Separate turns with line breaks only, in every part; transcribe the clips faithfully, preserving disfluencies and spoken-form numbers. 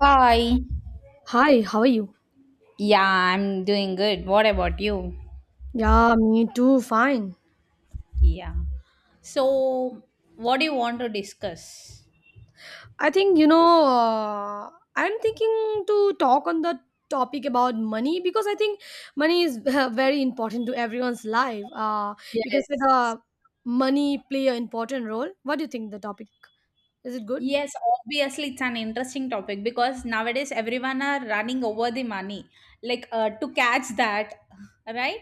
Hi.
Hi, how are you?
Yeah, I'm doing good. What about you?
Yeah, me too, fine.
Yeah. So, what do you want to discuss?
I think, you know, uh, I'm thinking to talk on the topic about money because I think money is very important to everyone's life. Uh, you can say
Yes.
the money play an important role. What do you think the topic? Is it good?
Yes, obviously it's an interesting topic because nowadays everyone are running over the money. Like uh, to catch that, right,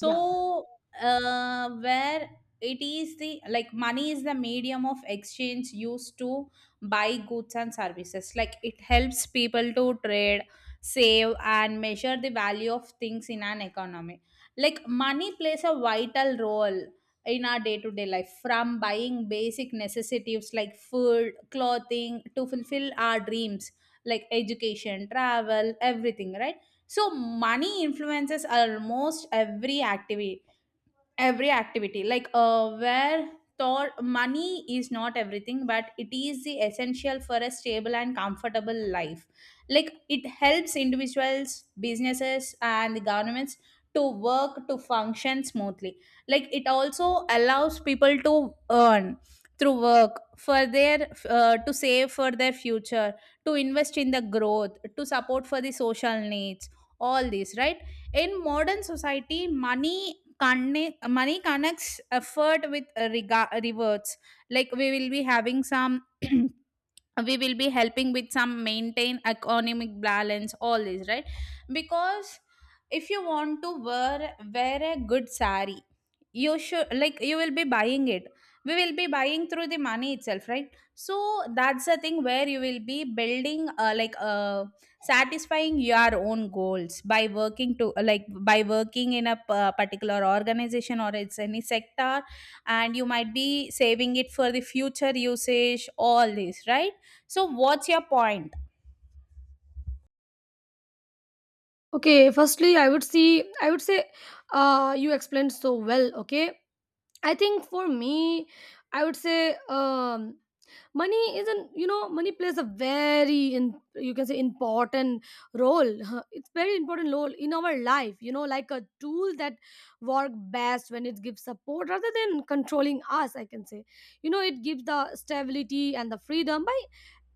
Yeah.
uh, where it is the, like, money is the medium of exchange used to buy goods and services, like it helps people to trade, save and measure the value of things in an economy. Like money plays a vital role in our day-to-day life, from buying basic necessities like food, clothing, to fulfill our dreams like education, travel, everything, right? So money influences almost every activity, every activity like uh, where thought money is not everything, but it is the essential for a stable and comfortable life. Like it helps individuals, businesses and the governments to work, to function smoothly. Like it also allows people to earn through work for their uh, to save for their future, to invest in the growth, to support for the social needs, all these, right? In modern society money conne- money connects effort with uh, rega- rewards. Like we will be having some we will be helping with some maintain economic balance, all this, right? Because if you want to wear wear a good sari, you should, like, you will be buying it, we will be buying through the money itself, right? So that's the thing where you will be building uh, like, uh, satisfying your own goals by working to, like, by working in a p- uh, particular organization or it's any sector, and you might be saving it for the future usage, all this, right? So, what's your point?
Okay, firstly, I would see, I would say, uh, you explained so well, okay? I think for me, I would say, um, money is an you know money plays a very in you can say important role, huh, it's very important role in our life, you know, like a tool that work best when it gives support rather than controlling us. I can say, you know, it gives the stability and the freedom by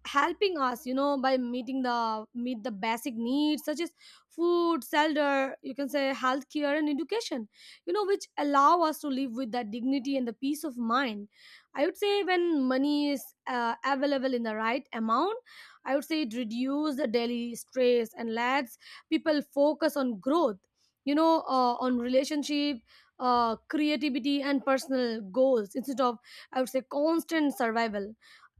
helping us, you know, by meeting the meet the basic needs such as food, shelter, you can say healthcare and education, you know, which allow us to live with the dignity and the peace of mind. I would say when money is uh, available in the right amount, I would say it reduces the daily stress and lets people focus on growth, you know uh, on relationship, uh, creativity and personal goals instead of, I would say, constant survival.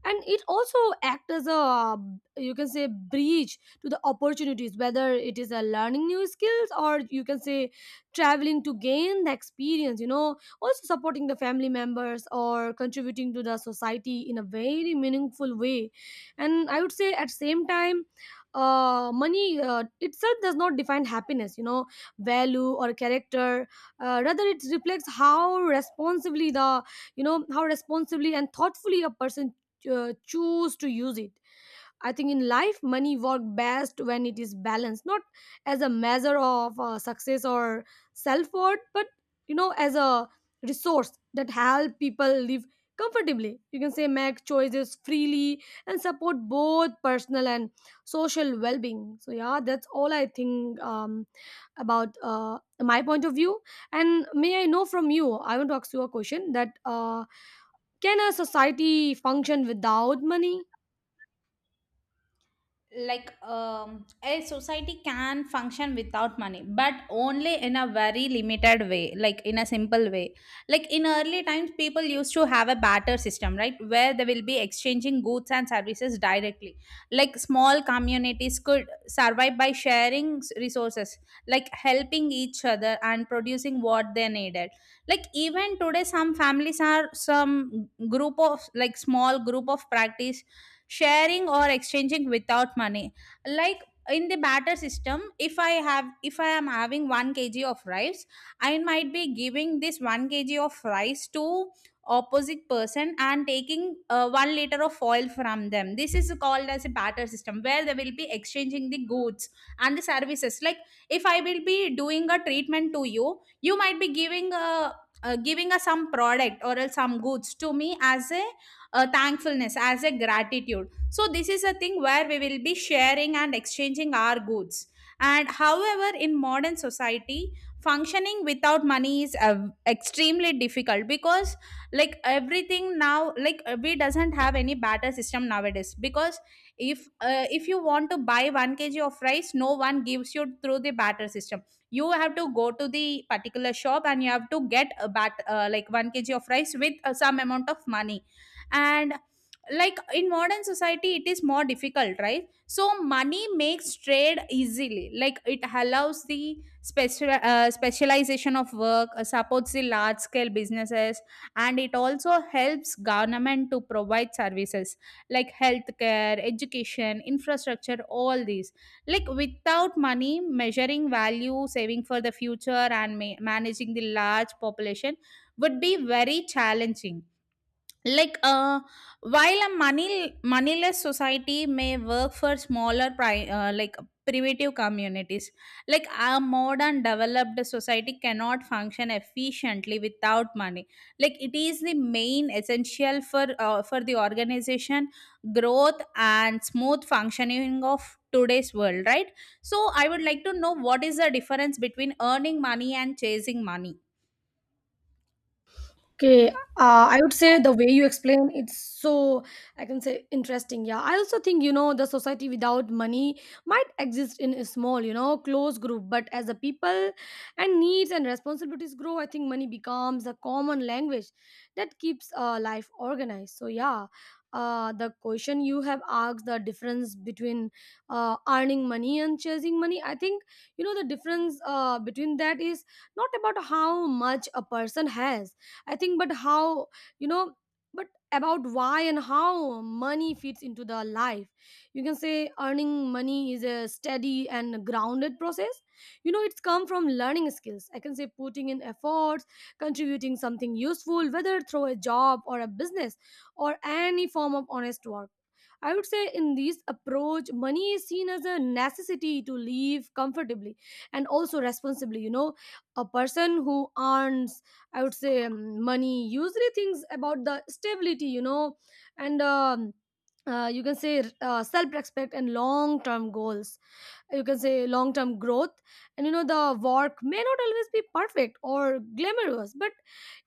And it also act as a, um, you can say, bridge to the opportunities, whether it is a learning new skills or, you can say, traveling to gain the experience, you know, also supporting the family members or contributing to the society in a very meaningful way. And I would say at same time, uh, money uh, itself does not define happiness, you know, value or character. Uh, rather it reflects how responsibly the, you know, how responsibly and thoughtfully a person uh, choose to use it. I think in life money work best when it is balanced, not as a measure of uh, success or self-worth but, you know, as a resource that help people live comfortably, you can say, make choices freely and support both personal and social well-being. So yeah, that's all I think, um, about uh, my point of view. And may I know from you, I want to ask you a question that, uh, can a society function without money?
Like, um, a society can function without money, but only in a very limited way, like in a simple way. Like in early times, people used to have a barter system, right, where they will be exchanging goods and services directly. Like small communities could survive by sharing s- resources, like helping each other and producing what they needed. Like even today some families are some group of, like, small group of practice sharing or exchanging without money. Like in the batter system, if I have, if I am having one k g of rice, I might be giving this one k g of rice to opposite person and taking uh, one liter of oil from them. This is called as a batter system where they will be exchanging the goods and the services. Like if I will be doing a treatment to you, you might be giving a uh, giving us some product or else some goods to me as a uh, thankfulness, as a gratitude. So this is a thing where we will be sharing and exchanging our goods. And however, in modern society, functioning without money is uh, extremely difficult, because like everything now, like, uh, we doesn't have any barter system nowadays, because if uh, if you want to buy one k g of rice, no one gives you through the barter system. You have to go to the particular shop and you have to get a bat uh, like one k g of rice with uh, some amount of money. And, like, in modern society it is more difficult, right? So money makes trade easily, like it allows the special uh, specialization of work, uh, supports the large scale businesses, and it also helps government to provide services like healthcare, education, infrastructure, all these. Like without money, measuring value, saving for the future and ma- managing the large population would be very challenging. Like uh, while a money moneyless society may work for smaller pri- uh, like primitive communities, like a modern developed society cannot function efficiently without money. Like it is the main essential for uh, for the organization, growth and smooth functioning of today's world, right? So I would like to know, what is the difference between earning money and chasing money?
Okay, uh, I would say the way you explain it's so, I can say, interesting. Yeah, I also think, you know, the society without money might exist in a small, you know, close group, but as the people and needs and responsibilities grow, I think money becomes a common language that keeps uh, life organized. So yeah, uh, the question you have asked, the difference between uh, earning money and chasing money, I think, you know, the difference uh, between that is not about how much a person has, I think, but how you know but about why and how money fits into the life. You can say earning money is a steady and grounded process, you know, it's come from learning skills, I can say, putting in efforts, contributing something useful whether through a job or a business or any form of honest work. I would say in this approach, money is seen as a necessity to live comfortably and also responsibly. You know, a person who earns, I would say, um, money usually thinks about the stability, you know, and um, uh, you can say uh, self respect and long term goals, you can say long term growth. And you know the work may not always be perfect or glamorous, but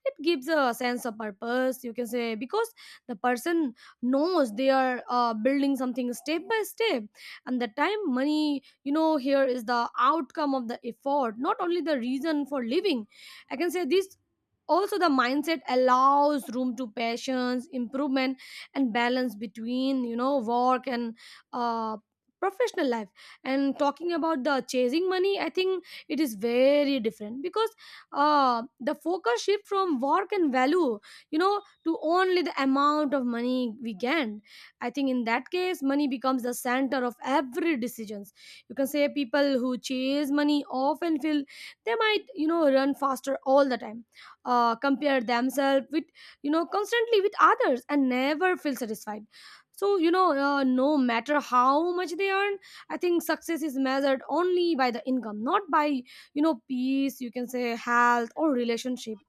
it gives a sense of purpose, you can say, because the person knows they are uh, building something step by step. And the time money, you know, here is the outcome of the effort, not only the reason for living, I can say this. Also the mindset allows room to passions improvement and balance between, you know, work and uh, professional life. And talking about the chasing money, I think it is very different, because uh, the focus shift from work and value, you know, to only the amount of money we gain. I think in that case money becomes the center of every decisions. You can say people who chase money often feel they might, you know, run faster all the time, uh, compare themselves with, you know, constantly with others and never feel satisfied. So you know, uh, no matter how much they earn, I think success is measured only by the income, not by, you know, peace, you can say, health or relationship.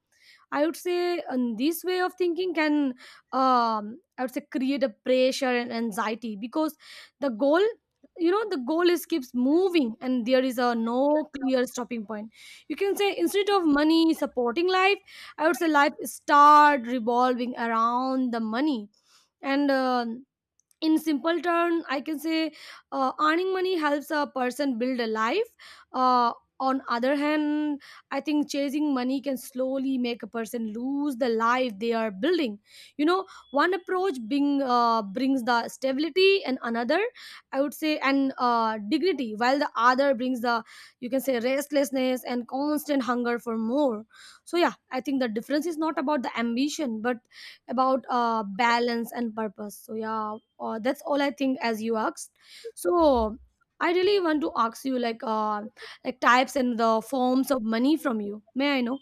I would say and this way of thinking can, um, I would say, create a pressure and anxiety because the goal, you know, the goal is keeps moving and there is a no clear stopping point. You can say instead of money supporting life, I would say life start revolving around the money. And uh, in simple term I can say uh, earning money helps a person build a life. uh, on other hand, I think chasing money can slowly make a person lose the life they are building, you know. One approach being uh, brings the stability and another, I would say, and uh, dignity, while the other brings the, you can say, restlessness and constant hunger for more. So yeah, I think the difference is not about the ambition but about uh, balance and purpose. So yeah, uh, that's all I think as you asked. So I really want to ask you like, uh, like types and the forms of money from you, may I know?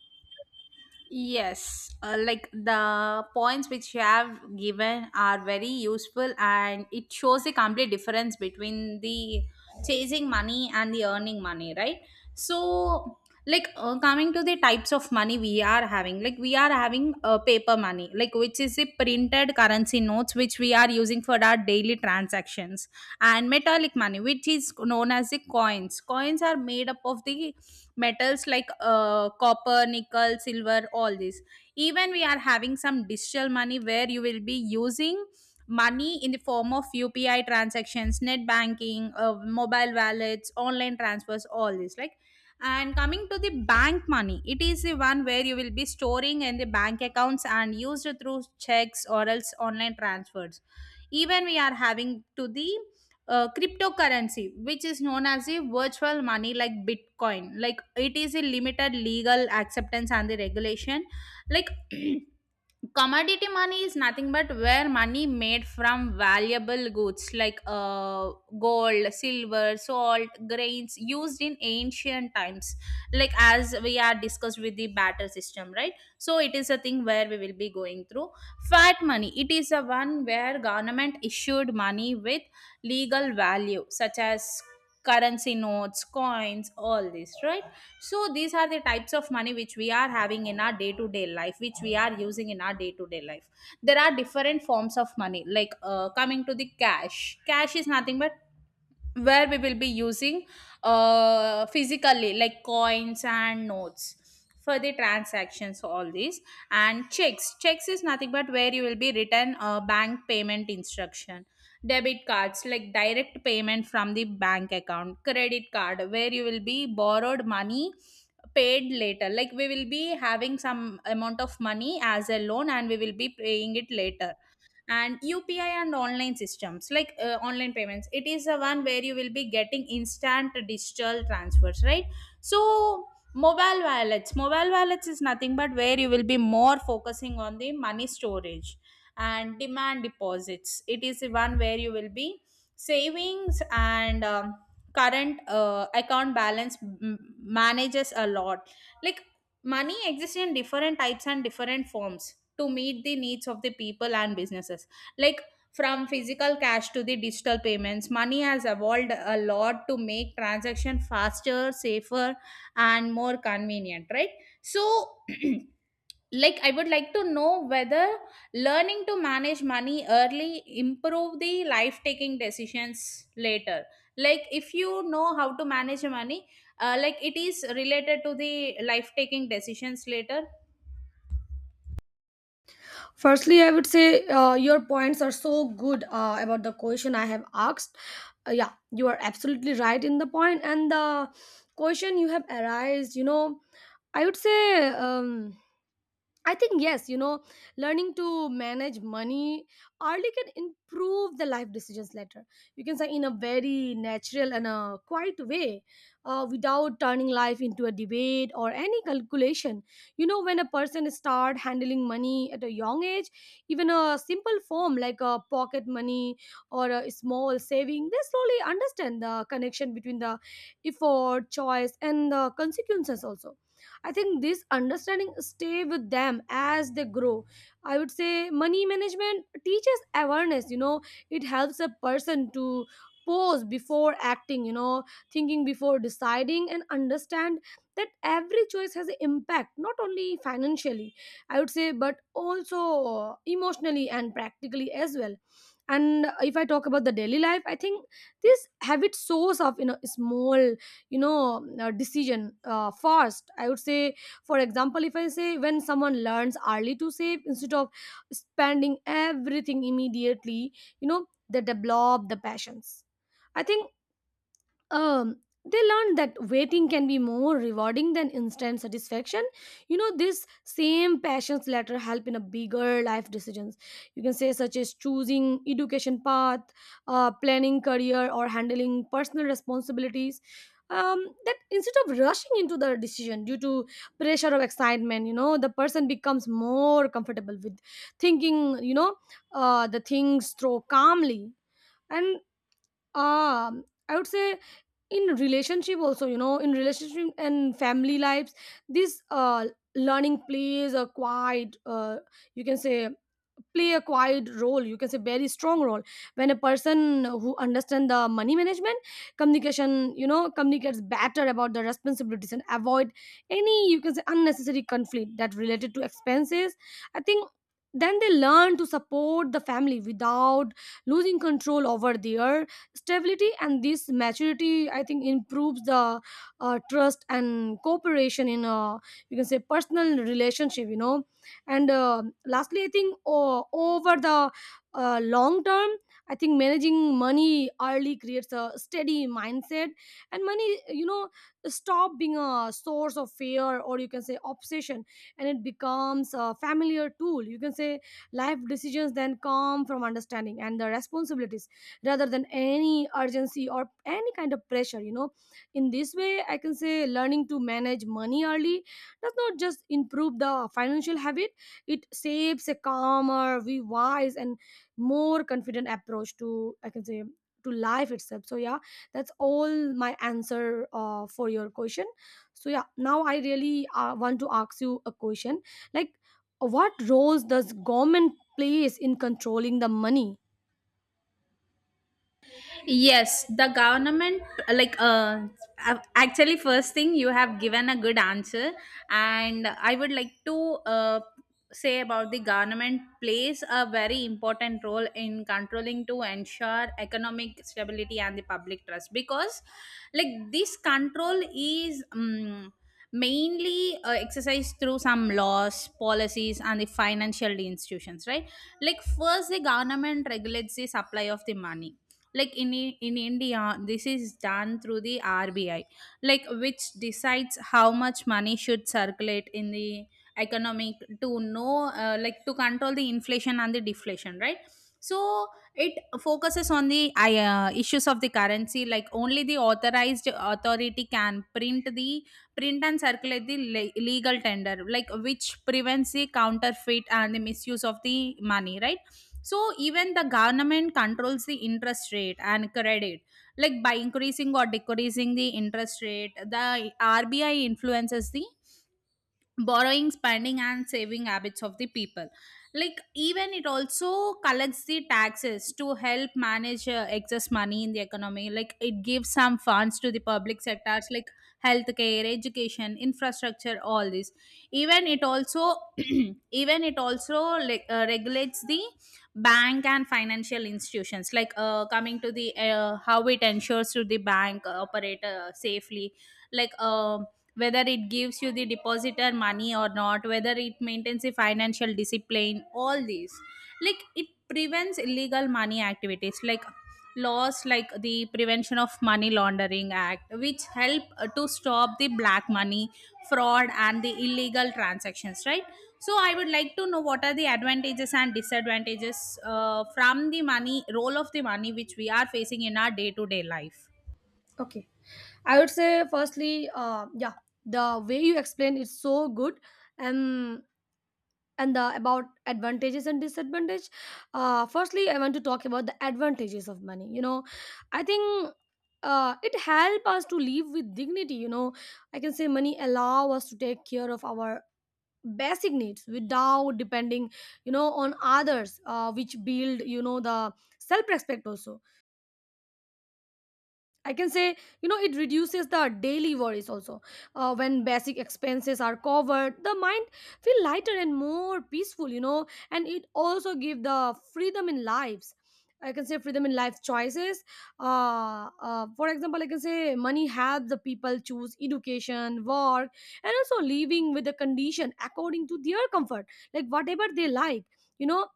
Yes, uh, like the points which you have given are very useful and it shows a complete difference between the chasing money and the earning money, right? So, like, uh, coming to the types of money we are having, like we are having uh, paper money, like which is a printed currency notes which we are using for our daily transactions, and metallic money, which is known as the coins. Coins are made up of the metals like uh, copper, nickel, silver, all this. Even we are having some digital money where you will be using money in the form of U P I transactions, net banking, uh, mobile wallets, online transfers, all this. Like, and coming to the bank money, it is the one where you will be storing in the bank accounts and used through checks or else online transfers. Even we are having to the uh, cryptocurrency, which is known as a virtual money, like bitcoin. Like it is a limited legal acceptance and the regulation. Like commodity money is nothing but where money made from valuable goods like uh, gold, silver, salt, grains, used in ancient times, like as we are discussed with the batter system, right? So it is a thing where we will be going through. Fiat money, it is a one where government issued money with legal value, such as currency notes, coins, all this, right? So these are the types of money which we are having in our day to day life, which we are using in our day to day life. There are different forms of money. Like uh, coming to the cash, cash is nothing but where we will be using uh, physically, like coins and notes, for the transactions, all these. And checks, checks is nothing but where you will be written a bank payment instruction. Debit cards, like direct payment from the bank account. Credit card, where you will be borrowed money, paid later, like we will be having some amount of money as a loan and we will be paying it later. And U P I and online systems, like uh, online payments, it is the one where you will be getting instant digital transfers, right? So mobile wallets, mobile wallets is nothing but where you will be more focusing on the money storage. And demand deposits, it is the one where you will be savings and um, current uh, account balance m- manages a lot. Like money exists in different types and different forms to meet the needs of the people and businesses. Like from physical cash to the digital payments, money has evolved a lot to make transaction faster, safer and more convenient, right? So like I would like to know whether learning to manage money early improve the life taking decisions later. Like if you know how to manage your money, uh, like it is related to the life taking decisions later.
Firstly I would say, uh, your points are so good uh, about the question I have asked. Uh, yeah you are absolutely right in the point and the question you have arised, you know, I would say, um, I think yes, you know, learning to manage money early can improve the life decisions later. You can say in a very natural and a quiet way, uh, without turning life into a debate or any calculation. You know, when a person start handling money at a young age, even a simple form like a pocket money or a small saving, they slowly understand the connection between the effort, choice, and the consequences also. I think this understanding stay with them as they grow. I would say money management teaches awareness, you know, it helps a person to pause before acting, you know, thinking before deciding and understand that every choice has an impact not only financially, I would say, but also emotionally and practically as well. And if I talk about the daily life, I think this habit source of, you know, small, you know uh, decision uh, fast, I would say. For example, if I say, when someone learns early to save instead of spending everything immediately, you know, they develop the passions, I think, um they learned that waiting can be more rewarding than instant satisfaction. You know, this same passions later help in a bigger life decisions, you can say, such as choosing education path, uh, planning career or handling personal responsibilities. Um, that instead of rushing into the decision due to pressure or excitement, you know, the person becomes more comfortable with thinking, you know uh, the things through calmly. And um, I would say in relationship also, you know, in relationship and family lives, this uh, learning plays a quiet uh, you can say play a quiet role, you can say very strong role. When a person who understand the money management, communication, you know, communicates better about the responsibilities and avoid any, you can say, unnecessary conflict that related to expenses, I think, then they learn to support the family without losing control over their stability. And this maturity, I think, improves the uh, trust and cooperation in, uh, you can say, personal relationship, you know. And uh, lastly, I think uh, over the uh, long term, I think managing money early creates a steady mindset, and money, you know, stop being a source of fear or, you can say, obsession, and it becomes a familiar tool, you can say. Life decisions then come from understanding and the responsibilities rather than any urgency or any kind of pressure, you know. In this way I can say learning to manage money early does not just improve the financial habit, it saves a calmer we wise and more confident approach to, I can say, to life itself. So yeah, that's all my answer uh, for your question. So yeah, now I really uh, want to ask you a question like, what roles does government plays in controlling the money?
Yes, the government, like, uh, a- actually, first thing, you have given a good answer, and I would like to uh, say about the government plays a very important role in controlling to ensure economic stability and the public trust because, like, this control is Um, mainly uh, exercised through some laws, policies and the financial institutions, right? Like first, the government regulates the supply of the money. Like in I- in India, this is done through the R B I, like which decides how much money should circulate in the economic, to know, uh, like, to control the inflation and the deflation, right? So it focuses on the uh, issues of the currency, like only the authorized authority can print the print and circulate the le- legal tender, like which prevents the counterfeit and the misuse of the money, right? So even the government controls the interest rate and credit, like by increasing or decreasing the interest rate, the R B I influences the borrowing, spending and saving habits of the people. Like even it also collects the taxes to help manage uh, excess money in the economy. Like it gives some funds to the public sectors like healthcare, education, infrastructure, all this. Even it also even it also like, uh, regulates the bank and financial institutions. Like uh, coming to the, uh, how it ensures to the bank operator safely, like, um whether it gives you the depositor money or not, whether it maintains the financial discipline, all these. Like it prevents illegal money activities, like laws like the Prevention of Money Laundering Act, which help uh, to stop the black money, fraud and the illegal transactions, right? So I would like to know, what are the advantages and disadvantages uh, from the money, role of the money, which we are facing in our day to day life?
Okay, I would say, firstly, uh, yeah, the way you explain is so good, um, and the about advantages and disadvantage. Uh, firstly, I want to talk about the advantages of money. You know, I think uh, it help us to live with dignity. You know, I can say money allow us to take care of our basic needs without depending you know on others, uh, which build you know the self respect also. I can say, you know, it reduces the daily worries also. Uh, when basic expenses are covered, the mind feel lighter and more peaceful, you know, and it also give the freedom in lives. I can say freedom in life choices. Uh, uh, for example, I can say money helps the people choose education, work, and also living with the condition according to their comfort, like whatever they like, you know.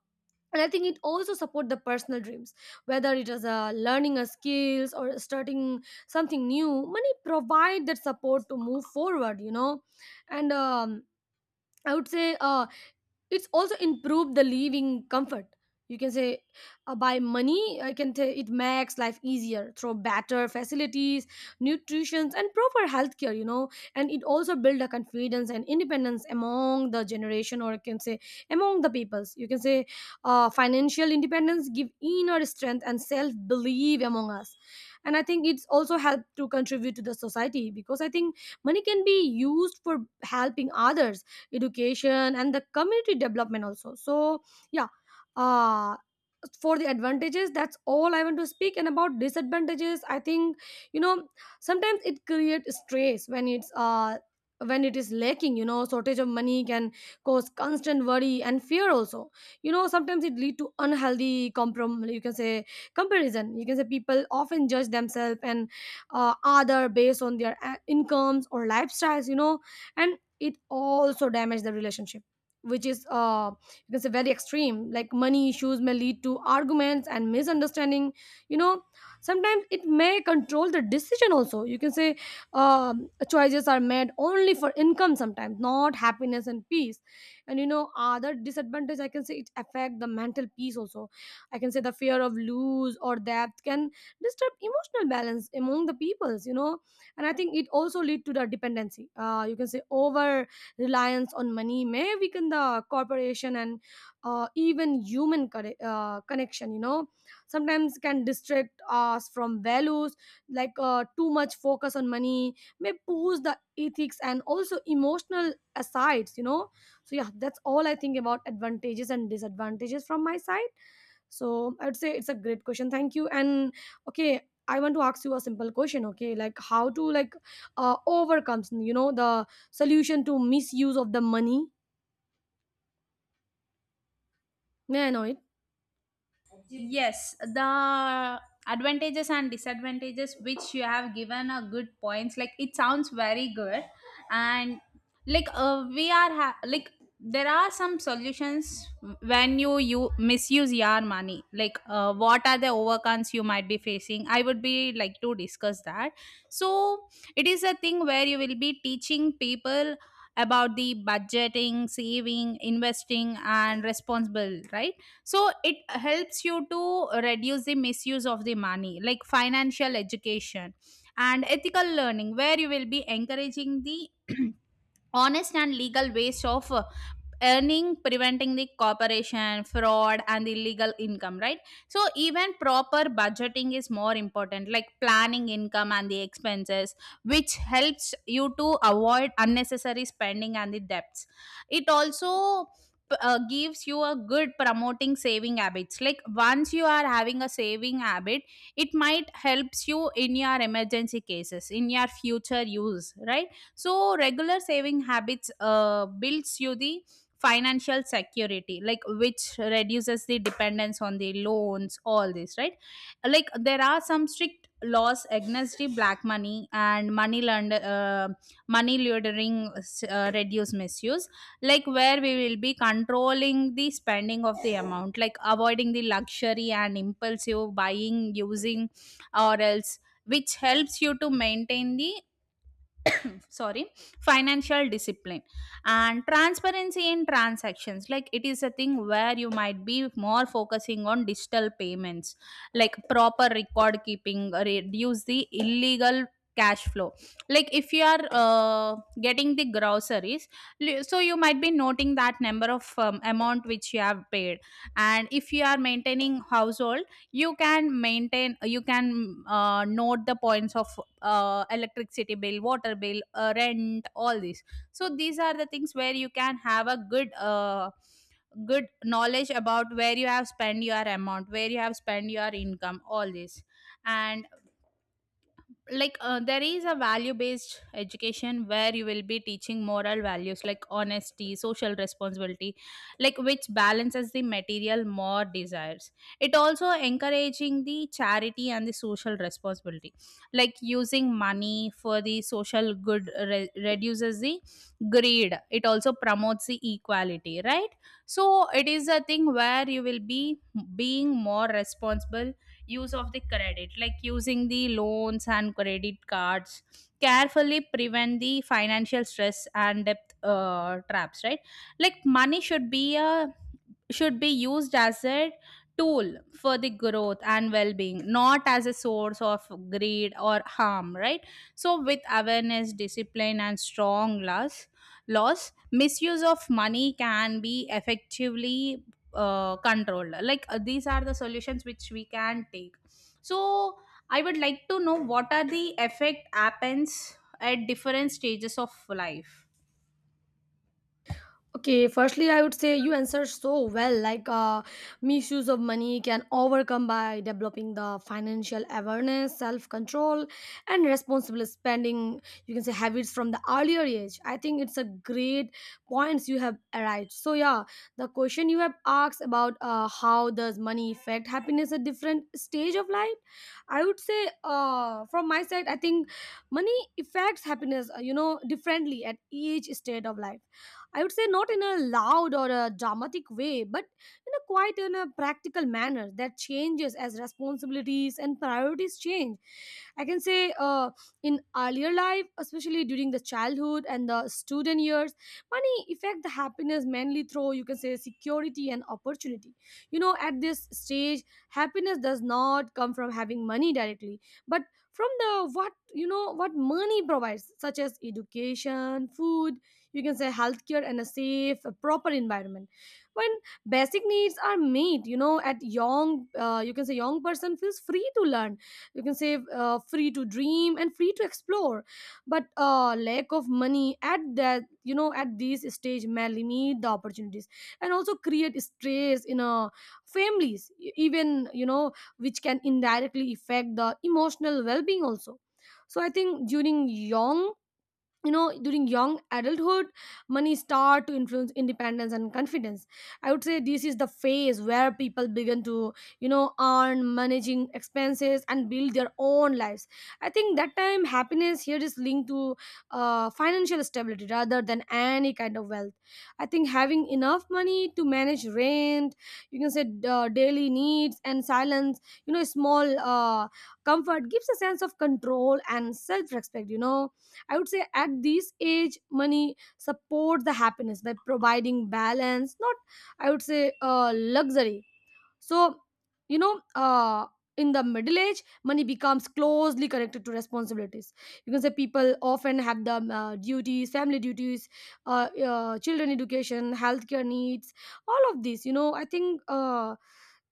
And I think it also support the personal dreams, whether it is uh, learning a skills or starting something new. Money provide that support to move forward, you know. And um, I would say, uh, it's also improved the living comfort, you can say. Uh, by money, I can say it makes life easier through better facilities, nutrition and proper healthcare, you know. And it also build a confidence and independence among the generation, or I can say among the peoples, you can say. Uh, financial independence give inner strength and self belief among us. And I think it's also help to contribute to the society, because I think money can be used for helping others, education and the community development also. So yeah. uh for the advantages, that's all I want to speak. And about disadvantages, I think, you know, sometimes it creates stress when it's uh when it is lacking. You know, shortage of money can cause constant worry and fear also. You know, sometimes it lead to unhealthy comprom you can say comparison, you can say. People often judge themselves and uh, other based on their uh, incomes or lifestyles, you know. And it also damage the relationship, which is uh because can say very extreme, like money issues may lead to arguments and misunderstanding, you know. Sometimes it may control the decision also, you can say. Um, choices are made only for income sometimes, not happiness and peace. And you know, other disadvantage I can say, it affect the mental peace also. I can say the fear of lose or death can disturb emotional balance among the peoples, you know. And I think it also lead to the dependency, uh, you can say. Over reliance on money may weaken the corporation and uh, even human corre- uh, connection, you know. Sometimes can distract us from values, like uh, too much focus on money may push the ethics and also emotional asides, you know. So yeah, that's all I think about advantages and disadvantages from my side. So I would say it's a great question, thank you. And okay, I want to ask you a simple question. Okay, like how to, like uh, overcomes, you know, the solution to misuse of the money? May I know it?
Yes, the advantages and disadvantages which you have given are good points, like it sounds very good. And like, uh, we are ha- like there are some solutions when you you misuse your money. Like uh, what are the overcons you might be facing, I would be like to discuss that. So It is a thing where you will be teaching people about the budgeting, saving, investing, and responsible, right? So it helps you to reduce the misuse of the money, like financial education and ethical learning, where you will be encouraging the honest and legal ways of uh, earning, preventing the corporation fraud and illegal income, right? So even proper budgeting is more important, like planning income and the expenses, which helps you to avoid unnecessary spending and the debts. It also p- uh, gives you a good promoting saving habits, like once you are having a saving habit, it might helps you in your emergency cases in your future use, right? So regular saving habits uh, builds you the financial security, like which reduces the dependence on the loans, all this, right? Like there are some strict laws against the black money and money lend- uh, money laundering, uh, reduce misuse. Like where we will be controlling the spending of the amount, like avoiding the luxury and impulsive buying using, or else, which helps you to maintain the sorry financial discipline and transparency in transactions, like it is a thing where you might be more focusing on digital payments, like proper record keeping reduce the illegal cash flow. Like if you are uh, getting the groceries, li- so you might be noting that number of um, amount which you have paid. And if you are maintaining household, you can maintain you can uh, note the points of uh, electricity bill, water bill, uh, rent, all these. So these are the things where you can have a good uh, good knowledge about where you have spent your amount, where you have spent your income, all this. And like uh, there is a value based education where you will be teaching moral values, like honesty, social responsibility, like which balances the material more desires. It also encouraging the charity and the social responsibility, like using money for the social good re- reduces the greed, it also promotes the equality, right? So it is a thing where you will be being more responsible use of the credit, like using the loans and credit cards carefully prevent the financial stress and debt uh, traps, right? Like money should be a should be used as a tool for the growth and well-being, not as a source of greed or harm, right? So with awareness, discipline, and strong laws laws misuse of money can be effectively uh, controlled. Like uh, these are the solutions which we can take. So I would like to know what are the effect happens at different stages of life.
Okay, firstly, I would say you answer so well. Like, uh, misuse of money can overcome by developing the financial awareness, self control, and responsible spending. You can say habits from the earlier age. I think it's a great points you have arrived. So yeah, the question you have asked about, uh, how does money affect happiness at different stage of life? I would say, uh, from my side, I think money affects happiness, uh, you know, differently at each stage of life. I would say not in a loud or a dramatic way, but in a quiet and a practical manner that changes as responsibilities and priorities change. I can say, uh, in earlier life, especially during the childhood and the student years, money affect the happiness mainly through, you can say, security and opportunity. You know, at this stage, happiness does not come from having money directly, but from the what you know what money provides, such as education, food, you can say healthcare, and a safe, a proper environment. When basic needs are met, you know, at young, uh, you can say young person feels free to learn, you can say, uh, free to dream and free to explore. But uh, lack of money at that you know at this stage may limit the opportunities and also create stress in uh, families, e- even, you know, which can indirectly affect the emotional well-being also. So I think during young you know during young adulthood, money start to influence independence and confidence. I would say this is the phase where people begin to, you know, earn, managing expenses and build their own lives. I think that time happiness here is linked to uh, financial stability rather than any kind of wealth. I think having enough money to manage rent, you can say, uh, daily needs and silence, you know, small uh, comfort, gives a sense of control and self-respect, you know. I would say at this age, money supports the happiness by providing balance, not, I would say, uh, luxury. So, you know, uh, in the middle age, money becomes closely connected to responsibilities. You can say people often have the uh, duties, family duties, uh, uh, children education, healthcare needs, all of these, you know, I think. Uh,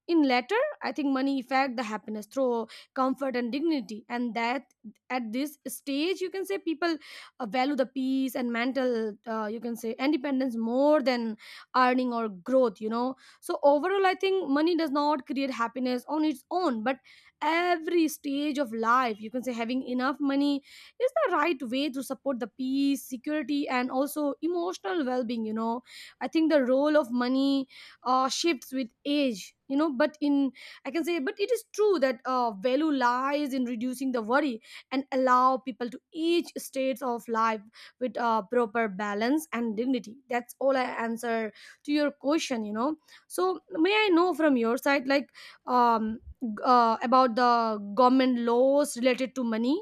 In latter, I think money affect the happiness through comfort and dignity, and that at this stage, you can say people uh, value the peace and mental, uh, you can say independence more than earning or growth, you know. So overall, I think money does not create happiness on its own, but every stage of life, you can say, having enough money is the right way to support the peace, security, and also emotional well-being. You know, I think the role of money uh, shifts with age, you know. But, in I can say, but it is true that uh, value lies in reducing the worry and allow people to each stage of life with uh, proper balance and dignity. That's all I answer to your question, you know. So may I know from your side like, um g- uh, about the government laws related to money?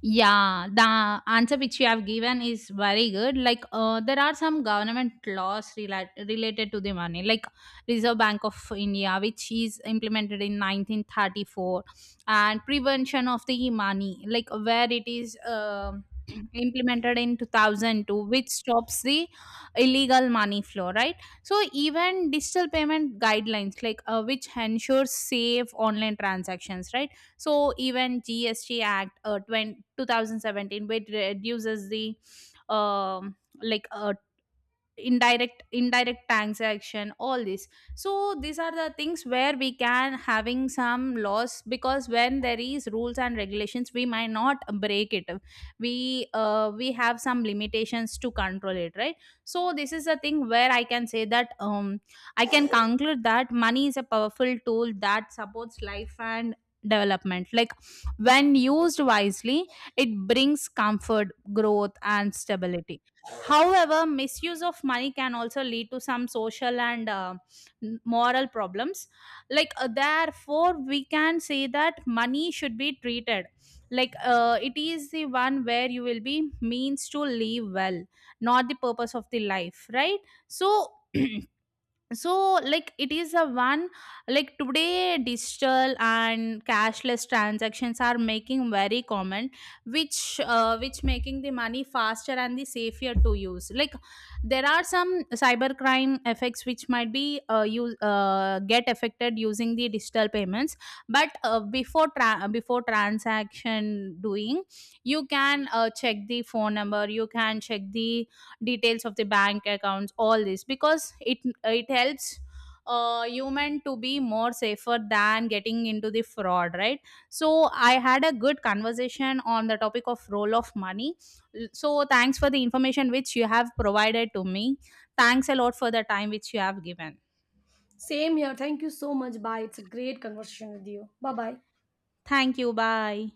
Yeah, the answer which you have given is very good. Like, uh, there are some government laws rela- related to the money, like Reserve Bank of India, which is implemented in nineteen thirty-four, and prevention of the money, like where it is um implemented in two thousand two, which stops the illegal money flow, right? So even digital payment guidelines, like uh, which ensures safe online transactions, right? So even G S T Act uh, twenty two thousand seventeen, which reduces the um, like uh, indirect indirect transaction, all this. So these are the things where we can having some laws, because when there is rules and regulations we might not break it, we uh, we have some limitations to control it, right? So this is a thing where I can say that um I can conclude that money is a powerful tool that supports life and development, like when used wisely it brings comfort, growth, and stability. However, misuse of money can also lead to some social and uh, n- moral problems. Like, uh, therefore, we can say that money should be treated, like uh, it is the one where you will be means to live well, not the purpose of the life, right? So, so like it is a one, like today digital and cashless transactions are making very common, which uh, which making the money faster and the safer to use. Like there are some cybercrime effects which might be uh, use uh, get affected using the digital payments. But uh, before tra- before transaction doing, you can uh, check the phone number, you can check the details of the bank accounts, all this, because it it helps uh, human to be more safer than getting into the fraud, right? So I had a good conversation on the topic of role of money. L- so thanks for the information which you have provided to me, thanks a lot for the time which you have given.
Same here, thank you so much, bye. It's a great conversation with you. Bye bye.
Thank you, bye.